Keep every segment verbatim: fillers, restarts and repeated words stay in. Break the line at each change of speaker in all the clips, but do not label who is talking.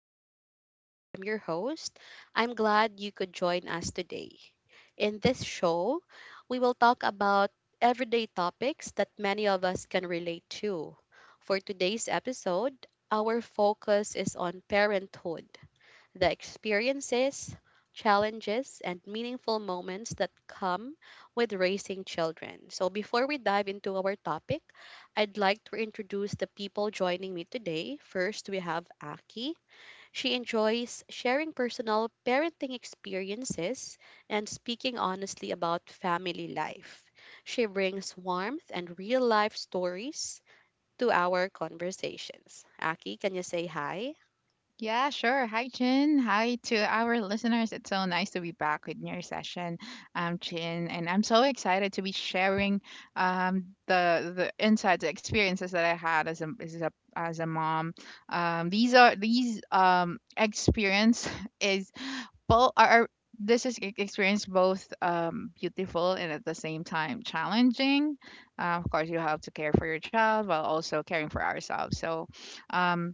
I'm Chin and I'm your host. I'm glad you could join us today. In this show, we will talk about everyday topics that many of us can relate to. For today's episode, our focus is on parenthood, the experiences, challenges, and meaningful moments that come with raising children. So, before we dive into our topic, I'd like to introduce the people joining me today. First, we have Aki. She enjoys sharing personal parenting experiences and speaking honestly about family life. She brings warmth and real life stories to our conversations. Aki, can you say hi?
Yeah, sure. Hi, Chin. Hi to our listeners. It's so nice to be back with your session, um, Chin. And I'm so excited to be sharing um, the the insights, the experiences that I had as a as a as a mom. Um, these are these um experience is both are. are- This is e- experience both um, beautiful and at the same time challenging. Uh, of course, you have to care for your child while also caring for ourselves. So, um,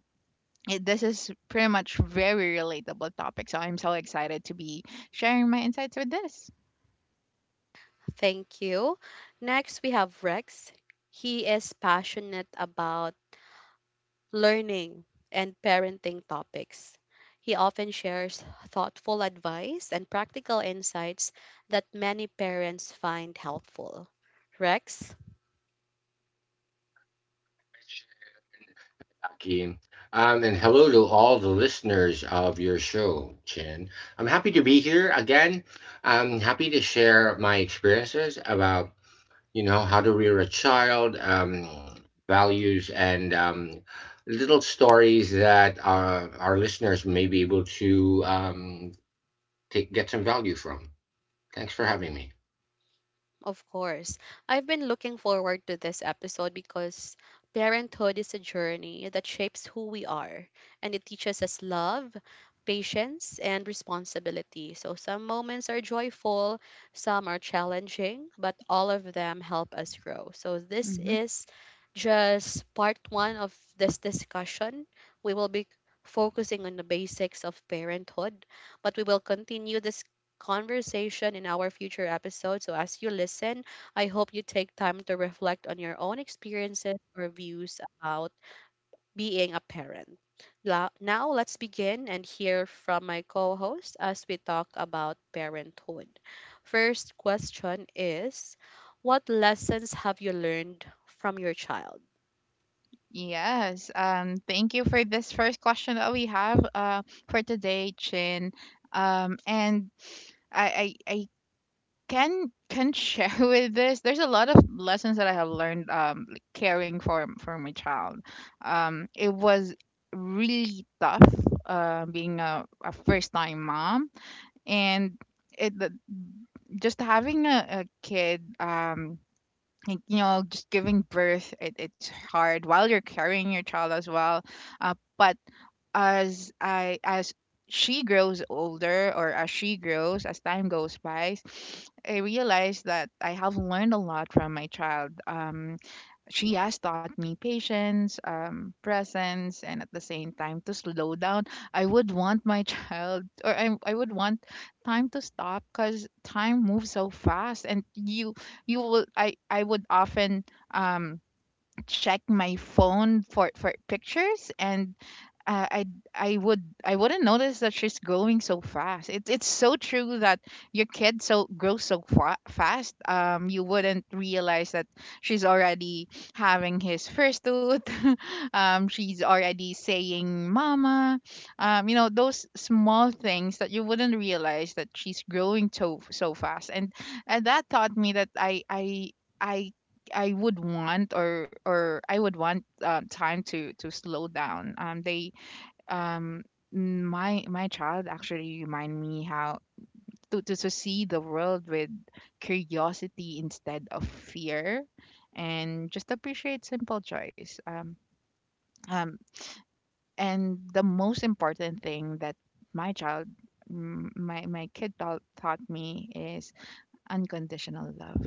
it, this is pretty much very relatable topic, so I'm so excited to be sharing my insights with this.
Thank you. Next, we have Rex. He is passionate about learning and parenting topics. He often shares thoughtful advice and practical insights that many parents find helpful. Rex,
Aki. Um, and hello to all the listeners of your show, Chin. I'm happy to be here again. I'm happy to share my experiences about, you know, how to rear a child, um, values, and um, little stories that uh, our listeners may be able to um, take, get some value from. Thanks for having me.
of course. I've been looking forward to this episode because parenthood is a journey that shapes who we are and it teaches us love, patience, and responsibility. So some moments are joyful, some are challenging, but all of them help us grow. So this
Hmm.
is just part one of this discussion. We will be focusing on the basics of parenthood, but we will continue this conversation in our future episodes. So, as you listen, I hope you take time to reflect on your own experiences or views about being a parent. La- Now, let's begin and hear from my co host as we talk about parenthood. First question is, what lessons have you learned from your child?
Yes, um thank you for this first question that we have uh for today, Chin. um and i i, I can can share with this. There's a lot of lessons that I have learned, um like caring for for my child. um it was really tough uh being a, a first time mom, and it the, just having a, a kid, um like, you know just giving birth. It, it's hard while you're carrying your child as well. uh, but as i as she grows older, or as she grows, as time goes by, I realize that I have learned a lot from my child. um she has taught me patience, um, presence, and at the same time to slow down. I would want my child, or I, I would want time to stop, because time moves so fast. And you, you will, I, I would often, um, check my phone for for pictures. And uh, I I would I wouldn't notice that she's growing so fast. It's it's so true that your kid so grows so fa- fast. Um, you wouldn't realize that she's already having his first tooth. um, she's already saying "mama." Um, you know, those small things that you wouldn't realize that she's growing so so fast. And and that taught me that I I I I would want, or or I would want uh, time to to slow down. Um, they um n- my my child actually remind me how to, to to see the world with curiosity instead of fear, and just appreciate simple joys. Um um and the most important thing that my child m- my my kid taught taught me is unconditional love,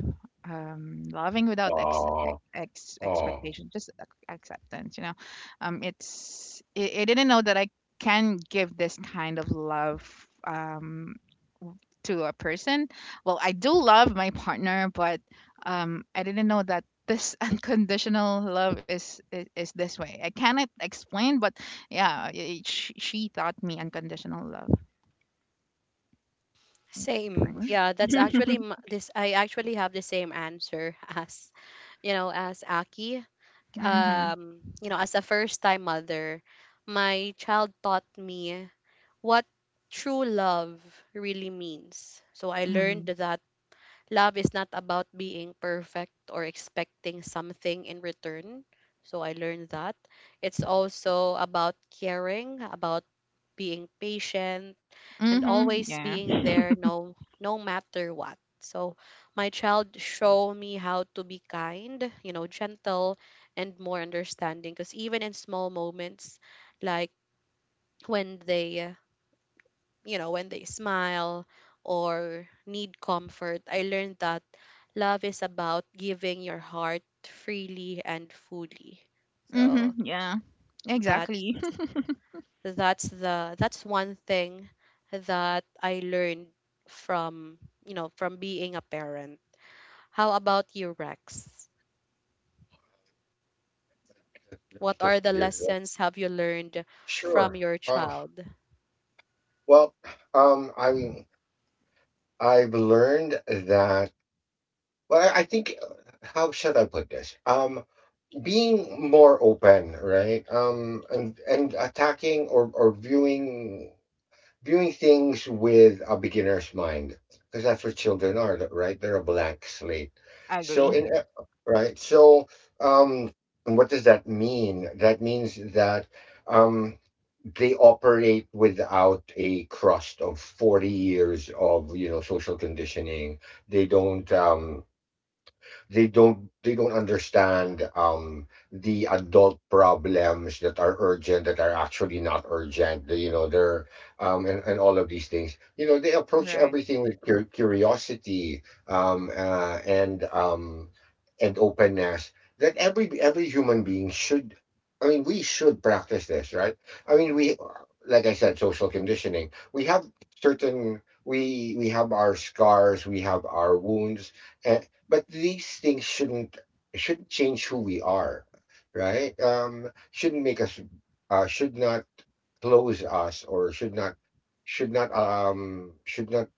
um loving without ex, ex,
Oh,
ex
oh,
expectation, just ac- acceptance, you know. um it's, I, I didn't know that I can give this kind of love, um w- to a person. Well, I do love my partner, but um I didn't know that this unconditional love is, is is this way. I cannot explain, but yeah, it, she, she taught me unconditional love.
Same.
for sure.
Yeah, that's actually m- this. I actually have the same answer as, you know, as Aki.
Mm-hmm.
Um, you know, as a first time mother, my child taught me what true love really means. So I learned
Mm-hmm.
that love is not about being perfect or expecting something in return. So I learned that. It's also about caring, about being patient and
Mm-hmm.
always
Yeah.
being there no no matter what. So my child show me how to be kind, you know, gentle and more understanding because even in small moments like when they, uh, you know, when they smile or need comfort, I learned that love is about giving your heart freely and fully.
Mhm.
So
Yeah.
that's
Exactly.
that's the that's one thing that I learned from, you know, from being a parent. How about you, Rex? What are the lessons have you learned from
Sure.
your
Uh,
child?
well, um, I'm I've learned that. Well, I think how should I put this? Um, being more open, right? Um, and and attacking or or viewing viewing things with a beginner's mind, because that's what children are, right? They're a blank slate. So
Agree.
in e- right. So um, what does that mean? That means that um they operate without a crust of forty years of, you know, social conditioning. They don't um they don't they don't understand um the adult problems that are urgent that are actually not urgent, you know. They're um and, and all of these things, you know, they approach
Right.
everything with cur- curiosity, um uh, and um and openness that every every human being should. I mean, we should practice this, right? I mean, we, like I said, social conditioning, we have certain, we we have our scars, we have our wounds, and but these things shouldn't shouldn't change who we are, right? Um shouldn't make us, uh should not close us, or should not should not um should not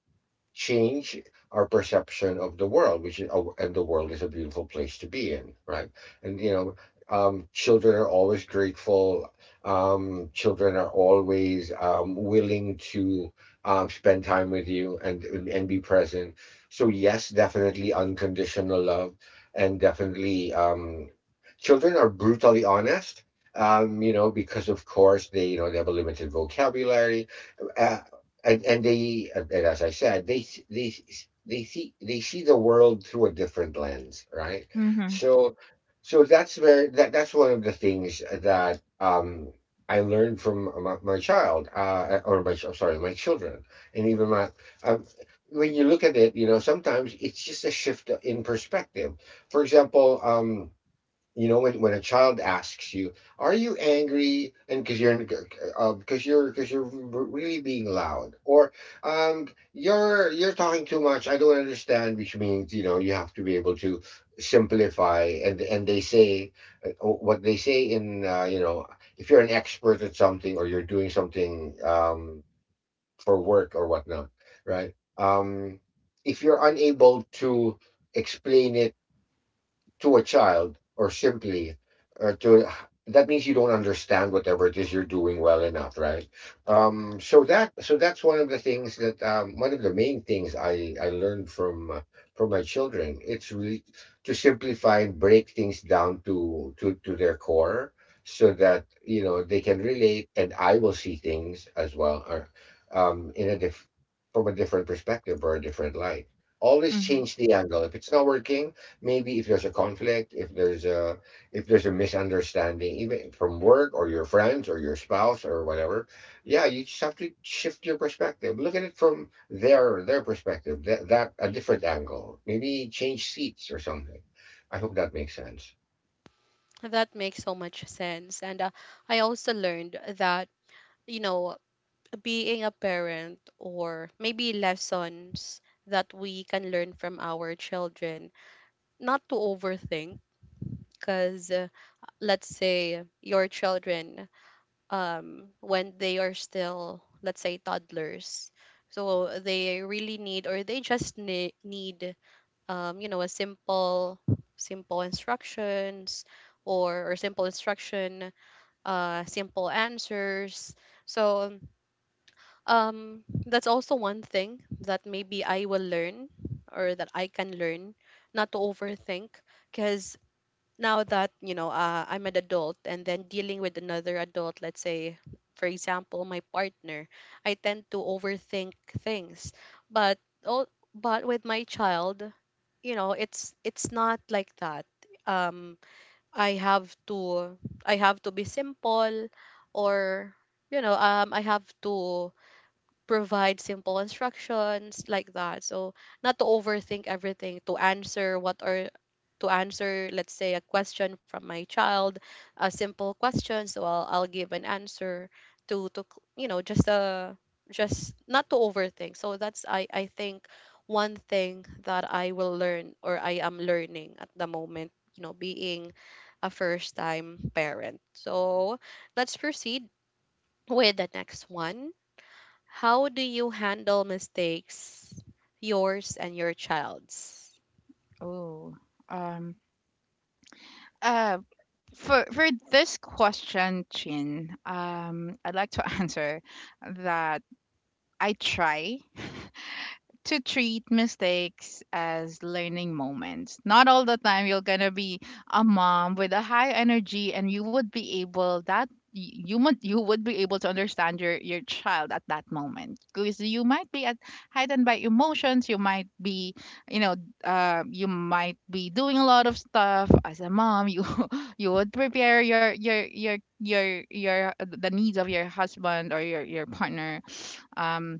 change our perception of the world, which is, oh, and the world is a beautiful place to be in, right? And you know, um, children are always grateful. Um, children are always um, willing to um, spend time with you and and be present. So yes, definitely unconditional love, and definitely um, children are brutally honest. Um, you know, because of course they, you know, they have a limited vocabulary. Uh, and and they, and as I said, they they they see they see the world through a different lens, right?
Mhm.
So so that's where that that's one of the things that um I learned from my, my child, uh, or my ch- I'm sorry, my children, and even my um, when you look at it, you know, sometimes it's just a shift in perspective. For example, um you know, when, when a child asks you, are you angry? And because you're uh, because you're because you're really being loud, or um you're you're talking too much, I don't understand, which means, you know, you have to be able to simplify. and and they say, uh, what they say in, uh, you know, if you're an expert at something, or you're doing something, um for work or whatnot, right um if you're unable to explain it to a child, or simply, or to, that means you don't understand whatever it is you're doing well enough, right? Um so that so that's one of the things that, um one of the main things i i learned from, uh, from my children. It's really to simplify and break things down to to to their core, so that, you know, they can relate, and I will see things as well, or um in a diff from a different perspective or a different light. Always
Mhm.
change the angle if it's not working. Maybe if there's a conflict, if there's a if there's a misunderstanding, even from work or your friends or your spouse or whatever, yeah, you just have to shift your perspective, look at it from their their perspective, that, that a different angle, maybe change seats or something. I hope that makes sense.
That makes so much sense. And uh, I also learned that, you know, being a parent or maybe lessons that we can learn from our children not to overthink because, uh, let's say your children, um when they are still, let's say, toddlers, so they really need or they just ne- need, um you know, a simple, simple instructions or, or simple instruction uh simple answers. So, um that's also one thing that maybe I will learn or that I can learn, not to overthink. Because now that, you know, uh, I'm an adult and then dealing with another adult, let's say for example my partner, I tend to overthink things. But oh, but with my child, you know, it's it's not like that. um I have to, i have to be simple. Or, you know, um I have to provide simple instructions like that. So, not to overthink everything, to answer what are to answer, let's say, a question from my child, a simple question, so I'll I'll give an answer to to c- you know, just uh just not to overthink. So that's, I I think, one thing that I will learn or I am learning at the moment, you know, being a first time parent. So let's proceed with the next one. How do you handle mistakes, yours and your child's?
Oh. Um. Uh. For for this question, Chin, um, I'd like to answer that I try. to treat mistakes as learning moments. Not all the time you're gonna be a mom with a high energy, and you would be able that y- you would you would be able to understand your your child at that moment, because you might be at heightened by emotions. You might be, you know, uh, you might be doing a lot of stuff as a mom. You you would prepare your your your your your the needs of your husband or your your partner. um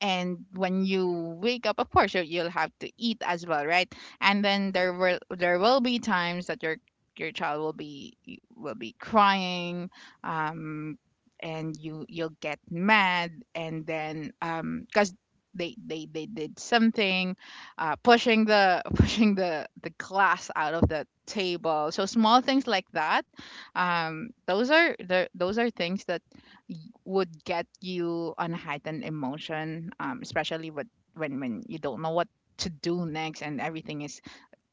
and when you wake up, of course you- you'll have to eat as well, right? And then there will there will be times that your your child will be will be crying. um and you, you'll get mad, and then um because they, they they did something, uh, pushing the pushing the the glass out of the table. So small things like that, um those are the those are things that y- would get you on a heightened emotion, um, especially with, when when you don't know what to do next and everything is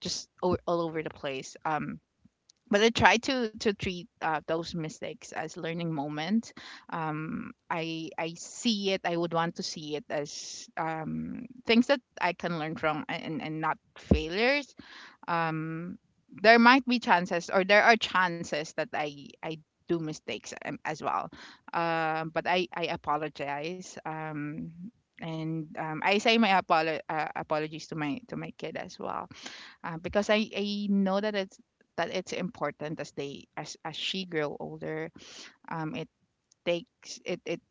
just all, all over the place. Um, but I try to to treat uh, those mistakes as learning moment. Um, I I see it. I would want to see it as um, things that I can learn from, and, and not failures. um there might be chances, or there are chances that i i do mistakes, um, as well. um but i i apologize, um and um, I say my apolo- uh, apologies to my to my kid as well, uh, because I, I know that it's that it's important as they as as she grow older. Um, it takes it it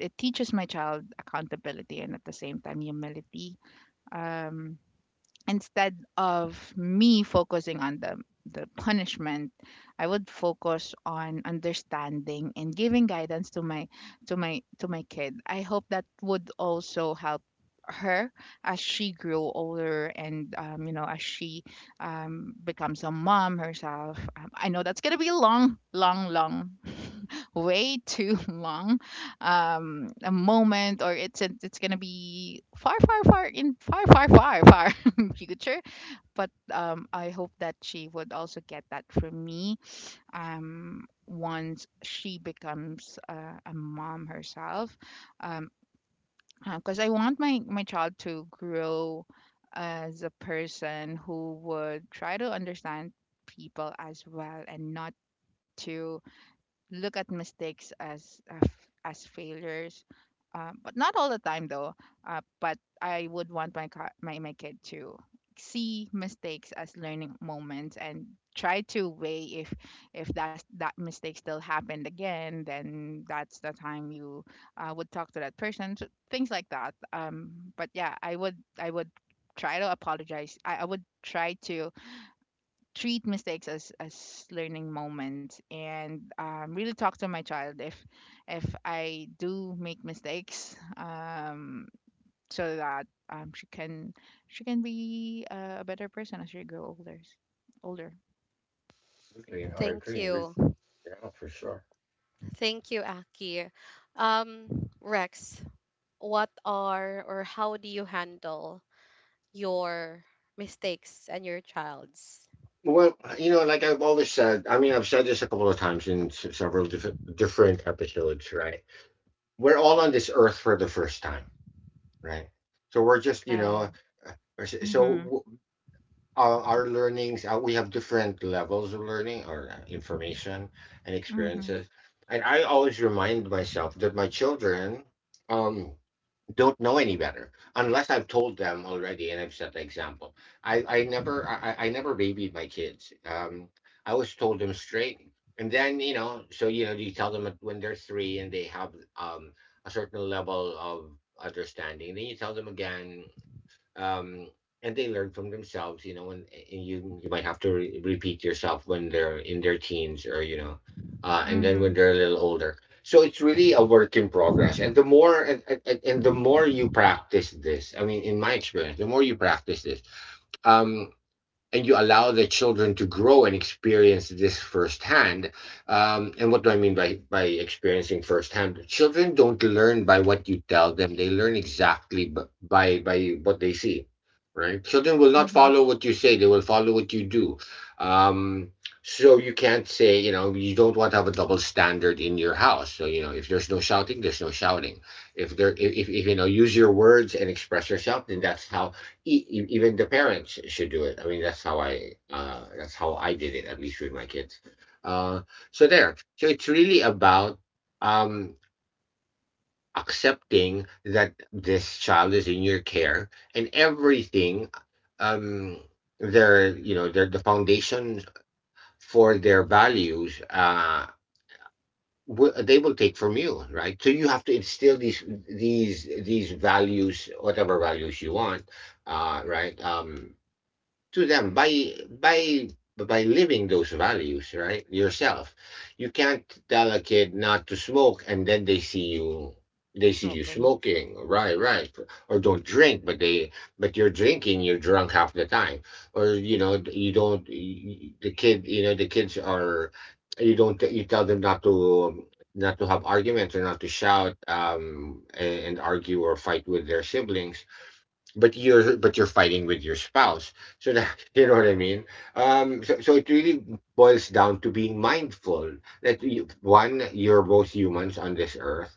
it teaches my child accountability and at the same time humility. Um, instead of me focusing on the the punishment, I would focus on understanding and giving guidance to my to my to my kid. I hope that would also help her as she grew older, and um, you know, as she um, becomes a mom herself. um, I know that's going to be a long long long way too long um, a moment, or it's it's going to be far far far in far far far far future. But um, I hope that she would also get that from me, um, once she becomes uh, a mom herself. Um, because I want my, my child to grow as a person who would try to understand people as well, and not to look at mistakes as uh, f- as failures, uh, but not all the time though. Uh, but I would want my ki- my my kid to see mistakes as learning moments and try to weigh if if that that mistake still happened again, then that's the time you uh, would talk to that person. So things like that, um but yeah, I would I would try to apologize. i, I would try to treat mistakes as as learning moments, and um, really talk to my child if if I do make mistakes, um, so that um, she can she can be uh, a better person as she grow older older.
Absolutely, I
Thank
agree with,
you.
yeah, for sure.
Thank you, Aki. Um, Rex, what are or how do you handle your mistakes and your child's?
Well, you know, like I've always said, I mean, I've said this a couple of times in s- several diff- different episodes, right? We're all on this earth for the first time. Right. So we're just, you know,
Yeah.
uh, uh, so so
Mhm.
w- our, our learnings, uh, we have different levels of learning or uh, information and
Mhm.
experiences. And I always remind myself that my children, um, don't know any better unless I've told them already and I've set the example. I, I never I, I I never babied my kids. Um, I always told them straight. And then, you know, so you know, you tell them at- when they're three and they have, um, a certain level of understanding. Then you tell them again, um, and they learn from themselves, you know, and, and you you might have to re- repeat yourself when they're in their teens, or you know, uh, and then
Mhm.
when they're a little older. So it's really a work in progress, and the more and, and, and the more you practice this, I mean in my experience, the more you practice this, um and you allow the children to grow and experience this firsthand. Um, and what do I mean by by experiencing firsthand? Children don't learn by what you tell them; they learn exactly b- by by what they see. Right? Children will not
Mhm.
follow what you say; they will follow what you do. Um, so you can't say, you know, you don't want to have a double standard in your house. So you know, if there's no shouting, there's no shouting. If there, if, if you know, use your words and express yourself, then that's how e- e- even the parents should do it. I mean, that's how I, uh, that's how I did it, at least with my kids. Uh, so there. So it's really about, um, accepting that this child is in your care and everything. Um, their you know, their the foundation for their values. Uh, wi- they will take from you, right? So you have to instill these, these these values, whatever values you want, uh right um to them by by by living those values, right, yourself. You can't tell a kid not to smoke and then they see you, they see you
Smoking.
smoking, right? Right? Or don't drink, but they but you're drinking, you're drunk half the time. Or, you know, you don't, the kid you know, the kids are, you don't, you tell them not to, not to have arguments or not to shout, um and, and argue or fight with their siblings, but you're but you're fighting with your spouse. So that you know what I mean. Um so, so it really boils down to being mindful that you, one, you're both humans on this earth,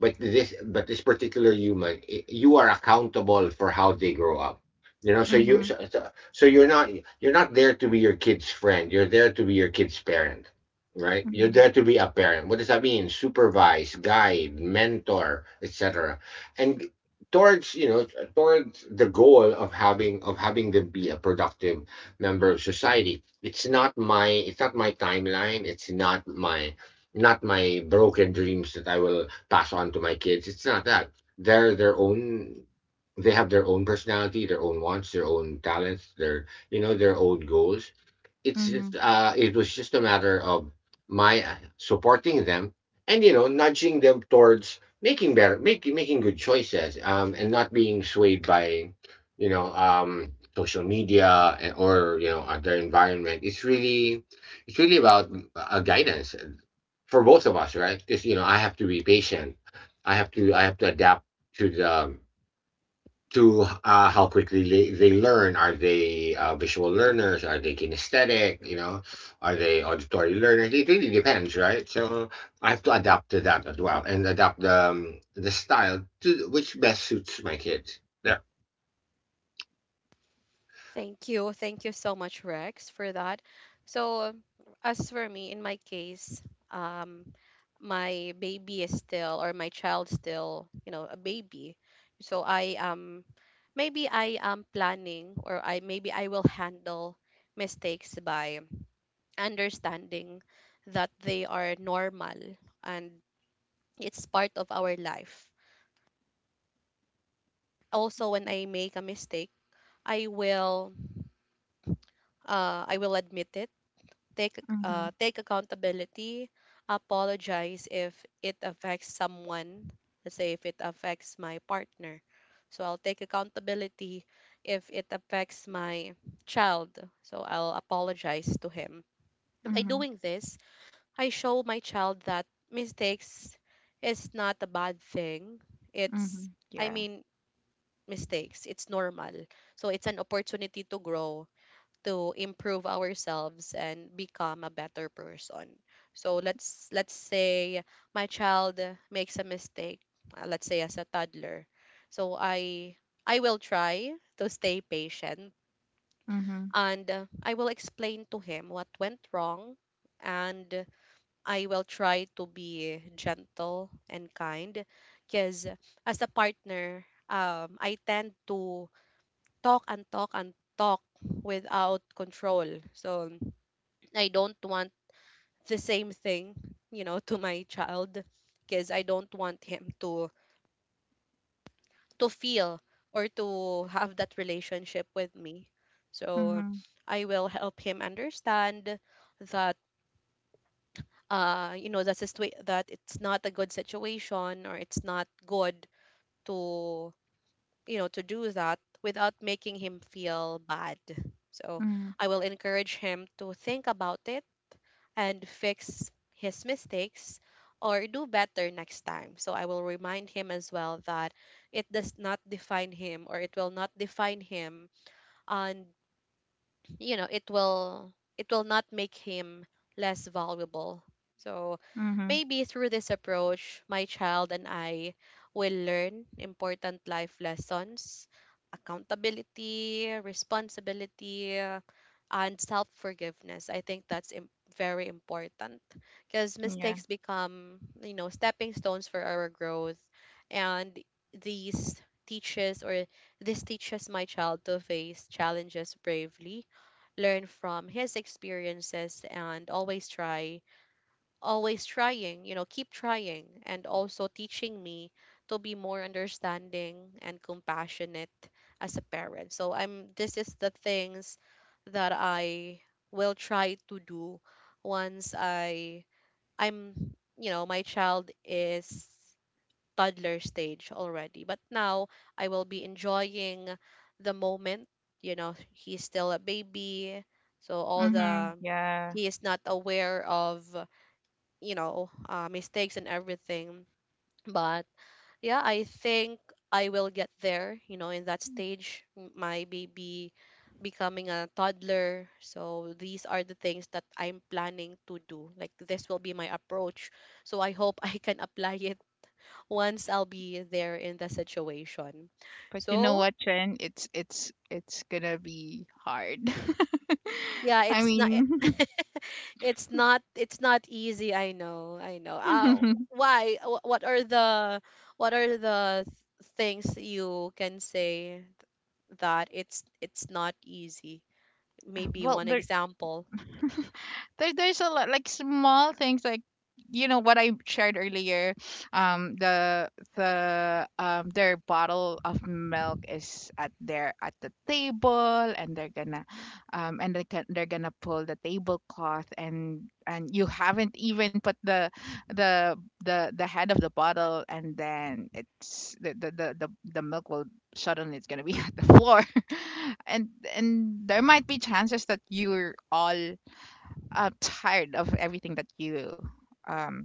but this but this particular human, i- you are accountable for how they grow up. You know, so you so,
Mhm.
so so you're not, you're not there to be your kid's friend, you're there to be your kid's parent. Right? You're
Mhm.
there to be a parent. What does that mean? Supervise, guide, mentor, etc. And towards you know towards the goal of having of having them be a productive member of society. It's not my, it's not my timeline. It's not my not my broken dreams that I will pass on to my kids. It's not that. They're their own, they have their own personality, their own wants, their own talents, their, you know, their own goals. It's
Mhm.
just uh it was just a matter of my, uh, supporting them, and you know, nudging them towards making better making making good choices, um and not being swayed by, you know, um social media, and, or you know, other environment. It's really, it's really about, uh, guidance for both of us, right? Because you know, I have to be patient, i have to I have to adapt to the to uh, how quickly they, they learn. Are they, uh, visual learners? Are they kinesthetic? You know, are they auditory learners? It really depends, right? So I have to adapt to that as well, and adapt the, um, the style to which best suits my kids. Yeah.
Thank you. Thank you so much, Rex, for that. So, as for me, in my case, um, my baby is still, or my child still, you know, a baby. So I, um, maybe I am planning, or I, maybe I will handle mistakes by understanding that they are normal and it's part of our life. Also, when I make a mistake, I will, uh, I will admit it, take ac- uh,
Mhm.
take accountability, apologize if it affects someone. Let's say if it affects my partner, so I'll take accountability. If it affects my child, so I'll apologize to him. And by
Mhm.
doing this, I show my child that mistakes is not a bad thing. It's,
Mhm.
I
Yeah.
mean, mistakes it's normal. So it's an opportunity to grow, to improve ourselves and become a better person. So let's let's say my child makes a mistake, uh, let's say as a toddler. So I I will try to stay patient
Mhm.
and, uh, I will explain to him what went wrong. And I will try to be gentle and kind because as a partner, um I tend to talk and talk and talk without control. So I don't want the same thing, you know, to my child, because I don't want him to to feel or to have that relationship with me. So
Mhm.
I will help him understand that, uh you know, that situa- that it's not a good situation or it's not good to, you know, to do that without making him feel bad. So
Mhm.
I will encourage him to think about it and fix his mistakes or do better next time. So I will remind him as well that it does not define him or it will not define him, and you know it will, it will not make him less valuable. So
Mhm.
maybe through this approach my child and I will learn important life lessons: accountability, responsibility, and self forgiveness. I think that's im- very important because
Yeah.
mistakes become, you know, stepping stones for our growth. And these teaches, or this teaches my child to face challenges bravely, learn from his experiences, and always try, always trying, you know, keep trying, and also teaching me to be more understanding and compassionate as a parent. So I'm this is the things that I will try to do once I, I'm, you know, my child is toddler stage already. But now I will be enjoying the moment, you know, he's still a baby, so all
Mhm.
the,
Yeah.
he is not aware of, you know, uh, mistakes and everything. But yeah, I think I will get there, you know, in that stage, m- my baby becoming a toddler. So these are the things that I'm planning to do. Like, this will be my approach. So I hope I can apply it once I'll be there in the situation.
But you know
So
what, Chen? It's it's it's gonna be hard.
yeah,
I
it's not
mean,
it's not, it's not easy. I know. I know. Uh, why, Wh- what are the, what are the th- things you can say that it's it's not easy? Maybe
well,
one
there.
example.
there, there's a lot like small things like, you know what I shared earlier. Um, the the um their bottle of milk is at their at the table, and they're gonna um and they can, they're gonna pull the tablecloth, and and you haven't even put the the the the head of the bottle, and then it's the the the, the, the milk will suddenly it's gonna be at the floor and and there might be chances that you're all uh, tired of everything that you um,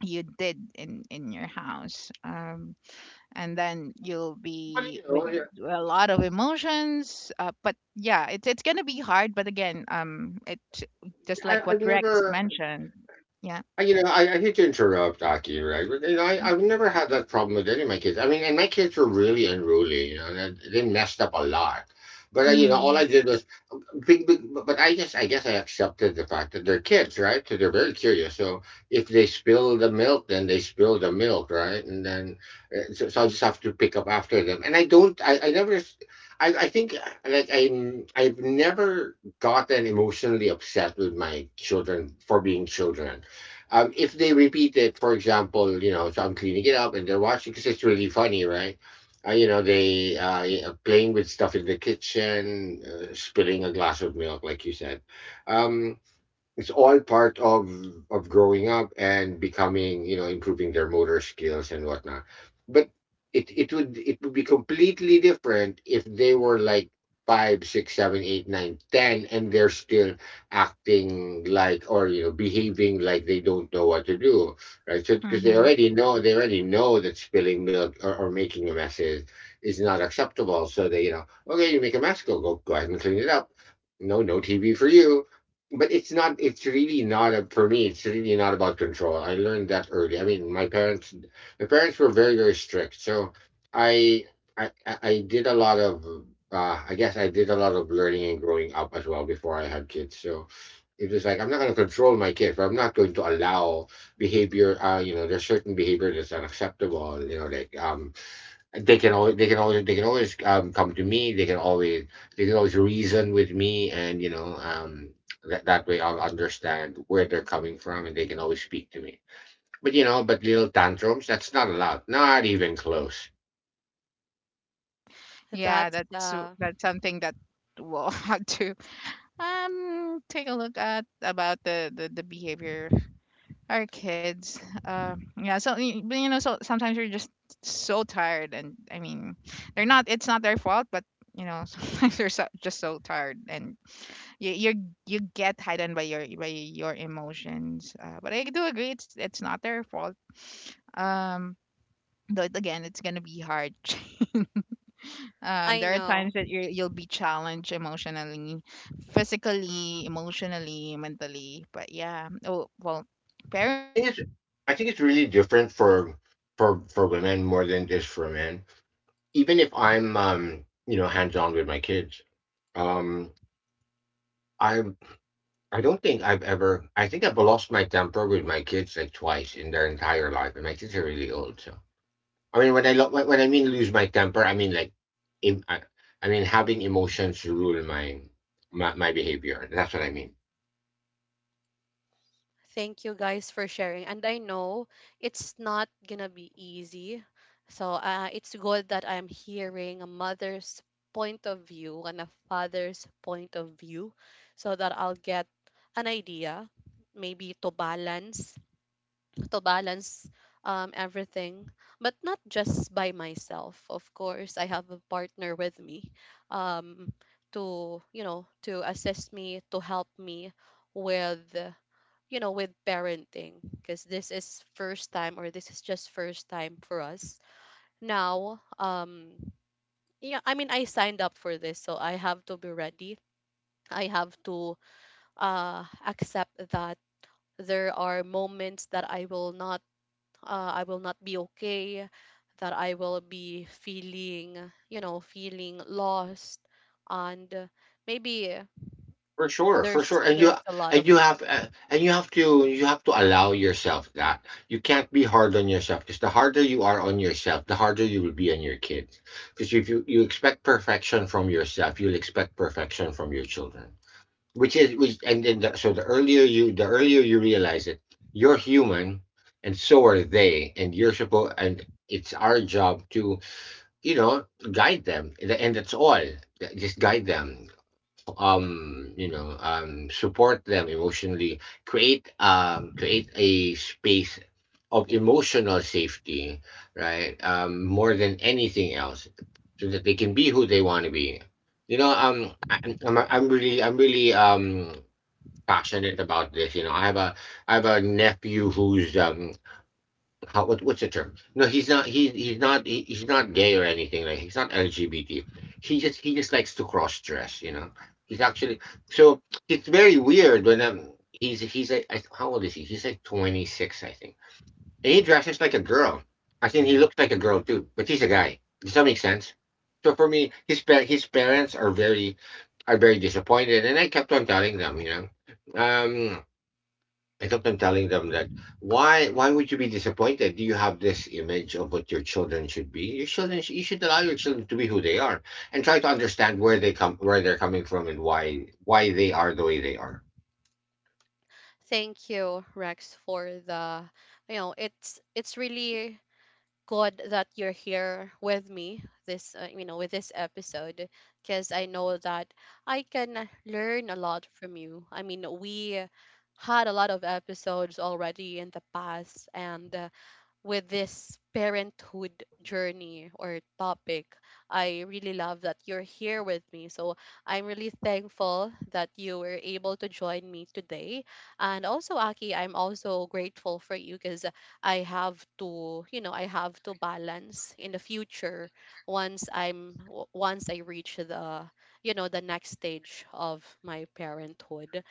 you did in in your house, um, and then you'll
Well,
be
you
with
know, yeah,
a lot of emotions. Uh, but yeah, it's it's gonna be hard, but again, um it just
I,
like
I've
what Rex
never,
mentioned. Yeah.
I- you know, I, I hate to interrupt, Aki, right? But you know, I, I've never had that problem with any of my kids. I mean, and my kids were really unruly. You know, they, they messed up a lot. But uh, you know, all I
Hmm.
did was, big, big, but I guess I guess I accepted the fact that they're kids, right? So they're very curious. So if they spill the milk, then they spill the milk, right? And then uh, so, so I just have to pick up after them. And I don't. I, I never. I, I think uh, like I'm. I've never gotten emotionally upset with my children for being children. Um, if they repeat it, for example, you know, so I'm cleaning it up and they're watching because it's really funny, right? Uh, you know, they uh, playing with stuff in the kitchen, uh, spilling a glass of milk, like you said. Um, it's all part of of growing up and becoming, you know, improving their motor skills and whatnot, but it it would it would be completely different if they were like five six seven eight nine ten and they're still acting like, or you know, behaving like they don't know what to do, right? So because they
Hmm.
already know, they already know that spilling milk or, or making a mess is, is not acceptable. So they, you know, okay, you make a mess, go go go ahead and clean it up. No, no TV for you. But it's not, it's really not a, for me it's really not about control. I learned that early. I mean, my parents, my parents were very, very strict. So i i i I did a lot of uh I guess I did a lot of learning and growing up as well before I had kids. So it is like, I'm not going to control my kids, but I'm not going to allow behavior. Uh, you know, there's certain behavior that's unacceptable. You know, like um, they can always they can always they can always um, come to me. They can always they can always reason with me, and you know, um, that that way I'll understand where they're coming from, and they can always speak to me. But you know, but little tantrums, that's not allowed, not even close.
Yeah,
That's
that's w-
uh,
that's something that we'll have to um take a look at about the the, the behavior. Our kids. Uh, yeah. So y- but you know, so sometimes you're just so tired, and I mean, they're not. It's not their fault, but, you know, sometimes you're so, just so tired, and you you you get heightened by your by your emotions. Uh, but I do agree, it's it's not their fault. Um, though it- again, it's gonna be hard. Um,
I
there are
know.
times that you you'll be challenged emotionally, physically, emotionally, mentally. But yeah, oh well,
I think
parents,
it's I
that's
think it's
our
really different
responsibility to
for
take care of our
for
child.
for women more than it is for men. Even if I'm um, you know, hands on with my kids, um, I I don't think I've ever, I think I've lost my temper with my kids like twice in their entire life, and my kids are really old. So I mean, when I lo- when when I mean lose my temper, I mean like, im- I, I mean having emotions rule my my, my behavior. That's what I mean.
Thank you guys for sharing. And I know it's not gonna be easy. So uh, it's good that I'm hearing a mother's point of view and a father's point of view so that I'll get an idea, maybe to balance, to balance, um, everything. But not just by myself, of course I have a partner with me, um, to, you know, to assist me, to help me with, you know, with parenting, because this is first time or this is just first time for us. Now, um yeah, I mean I signed up for this, so I have to be ready. I have to uh accept that there are moments that I will not uh, I will not be okay, that I will be feeling, you know, feeling lost and, uh, maybe
For sure, for
there's
sure, and you,
there's a lot
and you
of.
have uh, and you have to, you have to allow yourself, that you can't be hard on yourself, because the harder you are on yourself, the harder you will be on your kids. Because if you you expect perfection from yourself, you'll expect perfection from your children. Which is which, and then the, so the earlier you the earlier you realize it, you're human, and so are they, and you're supposed, and it's our job to, you know, guide them, and that's all. Just guide them, um you know, um support them emotionally, create um create a space of emotional safety, right? Um more than anything else, so that they can be who they want to be, you know. um I, I'm, I'm really, i'm really um passionate about this. You know, i have a I have a nephew who's um how, what, what's the term? No, he's not. He he's not. He, he's not gay or anything. Like, he's not L G B T. He just he just likes to cross dress. You know, he's actually, so it's very weird when um he's he's like, I, how old is he? He's like twenty six, I think, and he dresses like a girl. I think he looks like a girl too, but he's a guy. Does that make sense? So for me, his pa- his parents are very, are very disappointed, and I kept on telling them, you know, um, I kept on telling them that, why why would you be disappointed? Do you have this image of what your children should be? Your children sh- you should allow your children to be who they are, and try to understand where they come where they're coming from, and why why they are the way they are.
Thank you, Rex, for the, you know, it's it's really good that you're here with me this, uh, you know, with this episode, because I know that I can learn a lot from you. I mean, we had a lot of episodes already in the past, and, uh, with this parenthood journey or topic. I really love that you're here with me. So I'm really thankful that you were able to join me today. And also, Aki, I'm also grateful for you because I have to, you know, I have to balance in the future once I'm w- once I reach the, you know, the next stage of my parenthood.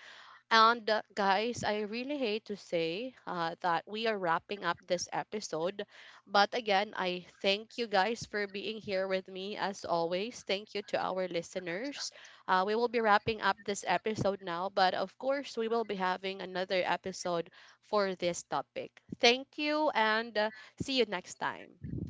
And uh, guys, I really hate to say uh, that we are wrapping up this episode. But again, I thank you guys for being here with me as always. Thank you to our listeners. Uh, we will be wrapping up this episode now, but of course, we will be having another episode for this topic. Thank you and, uh, see you next time.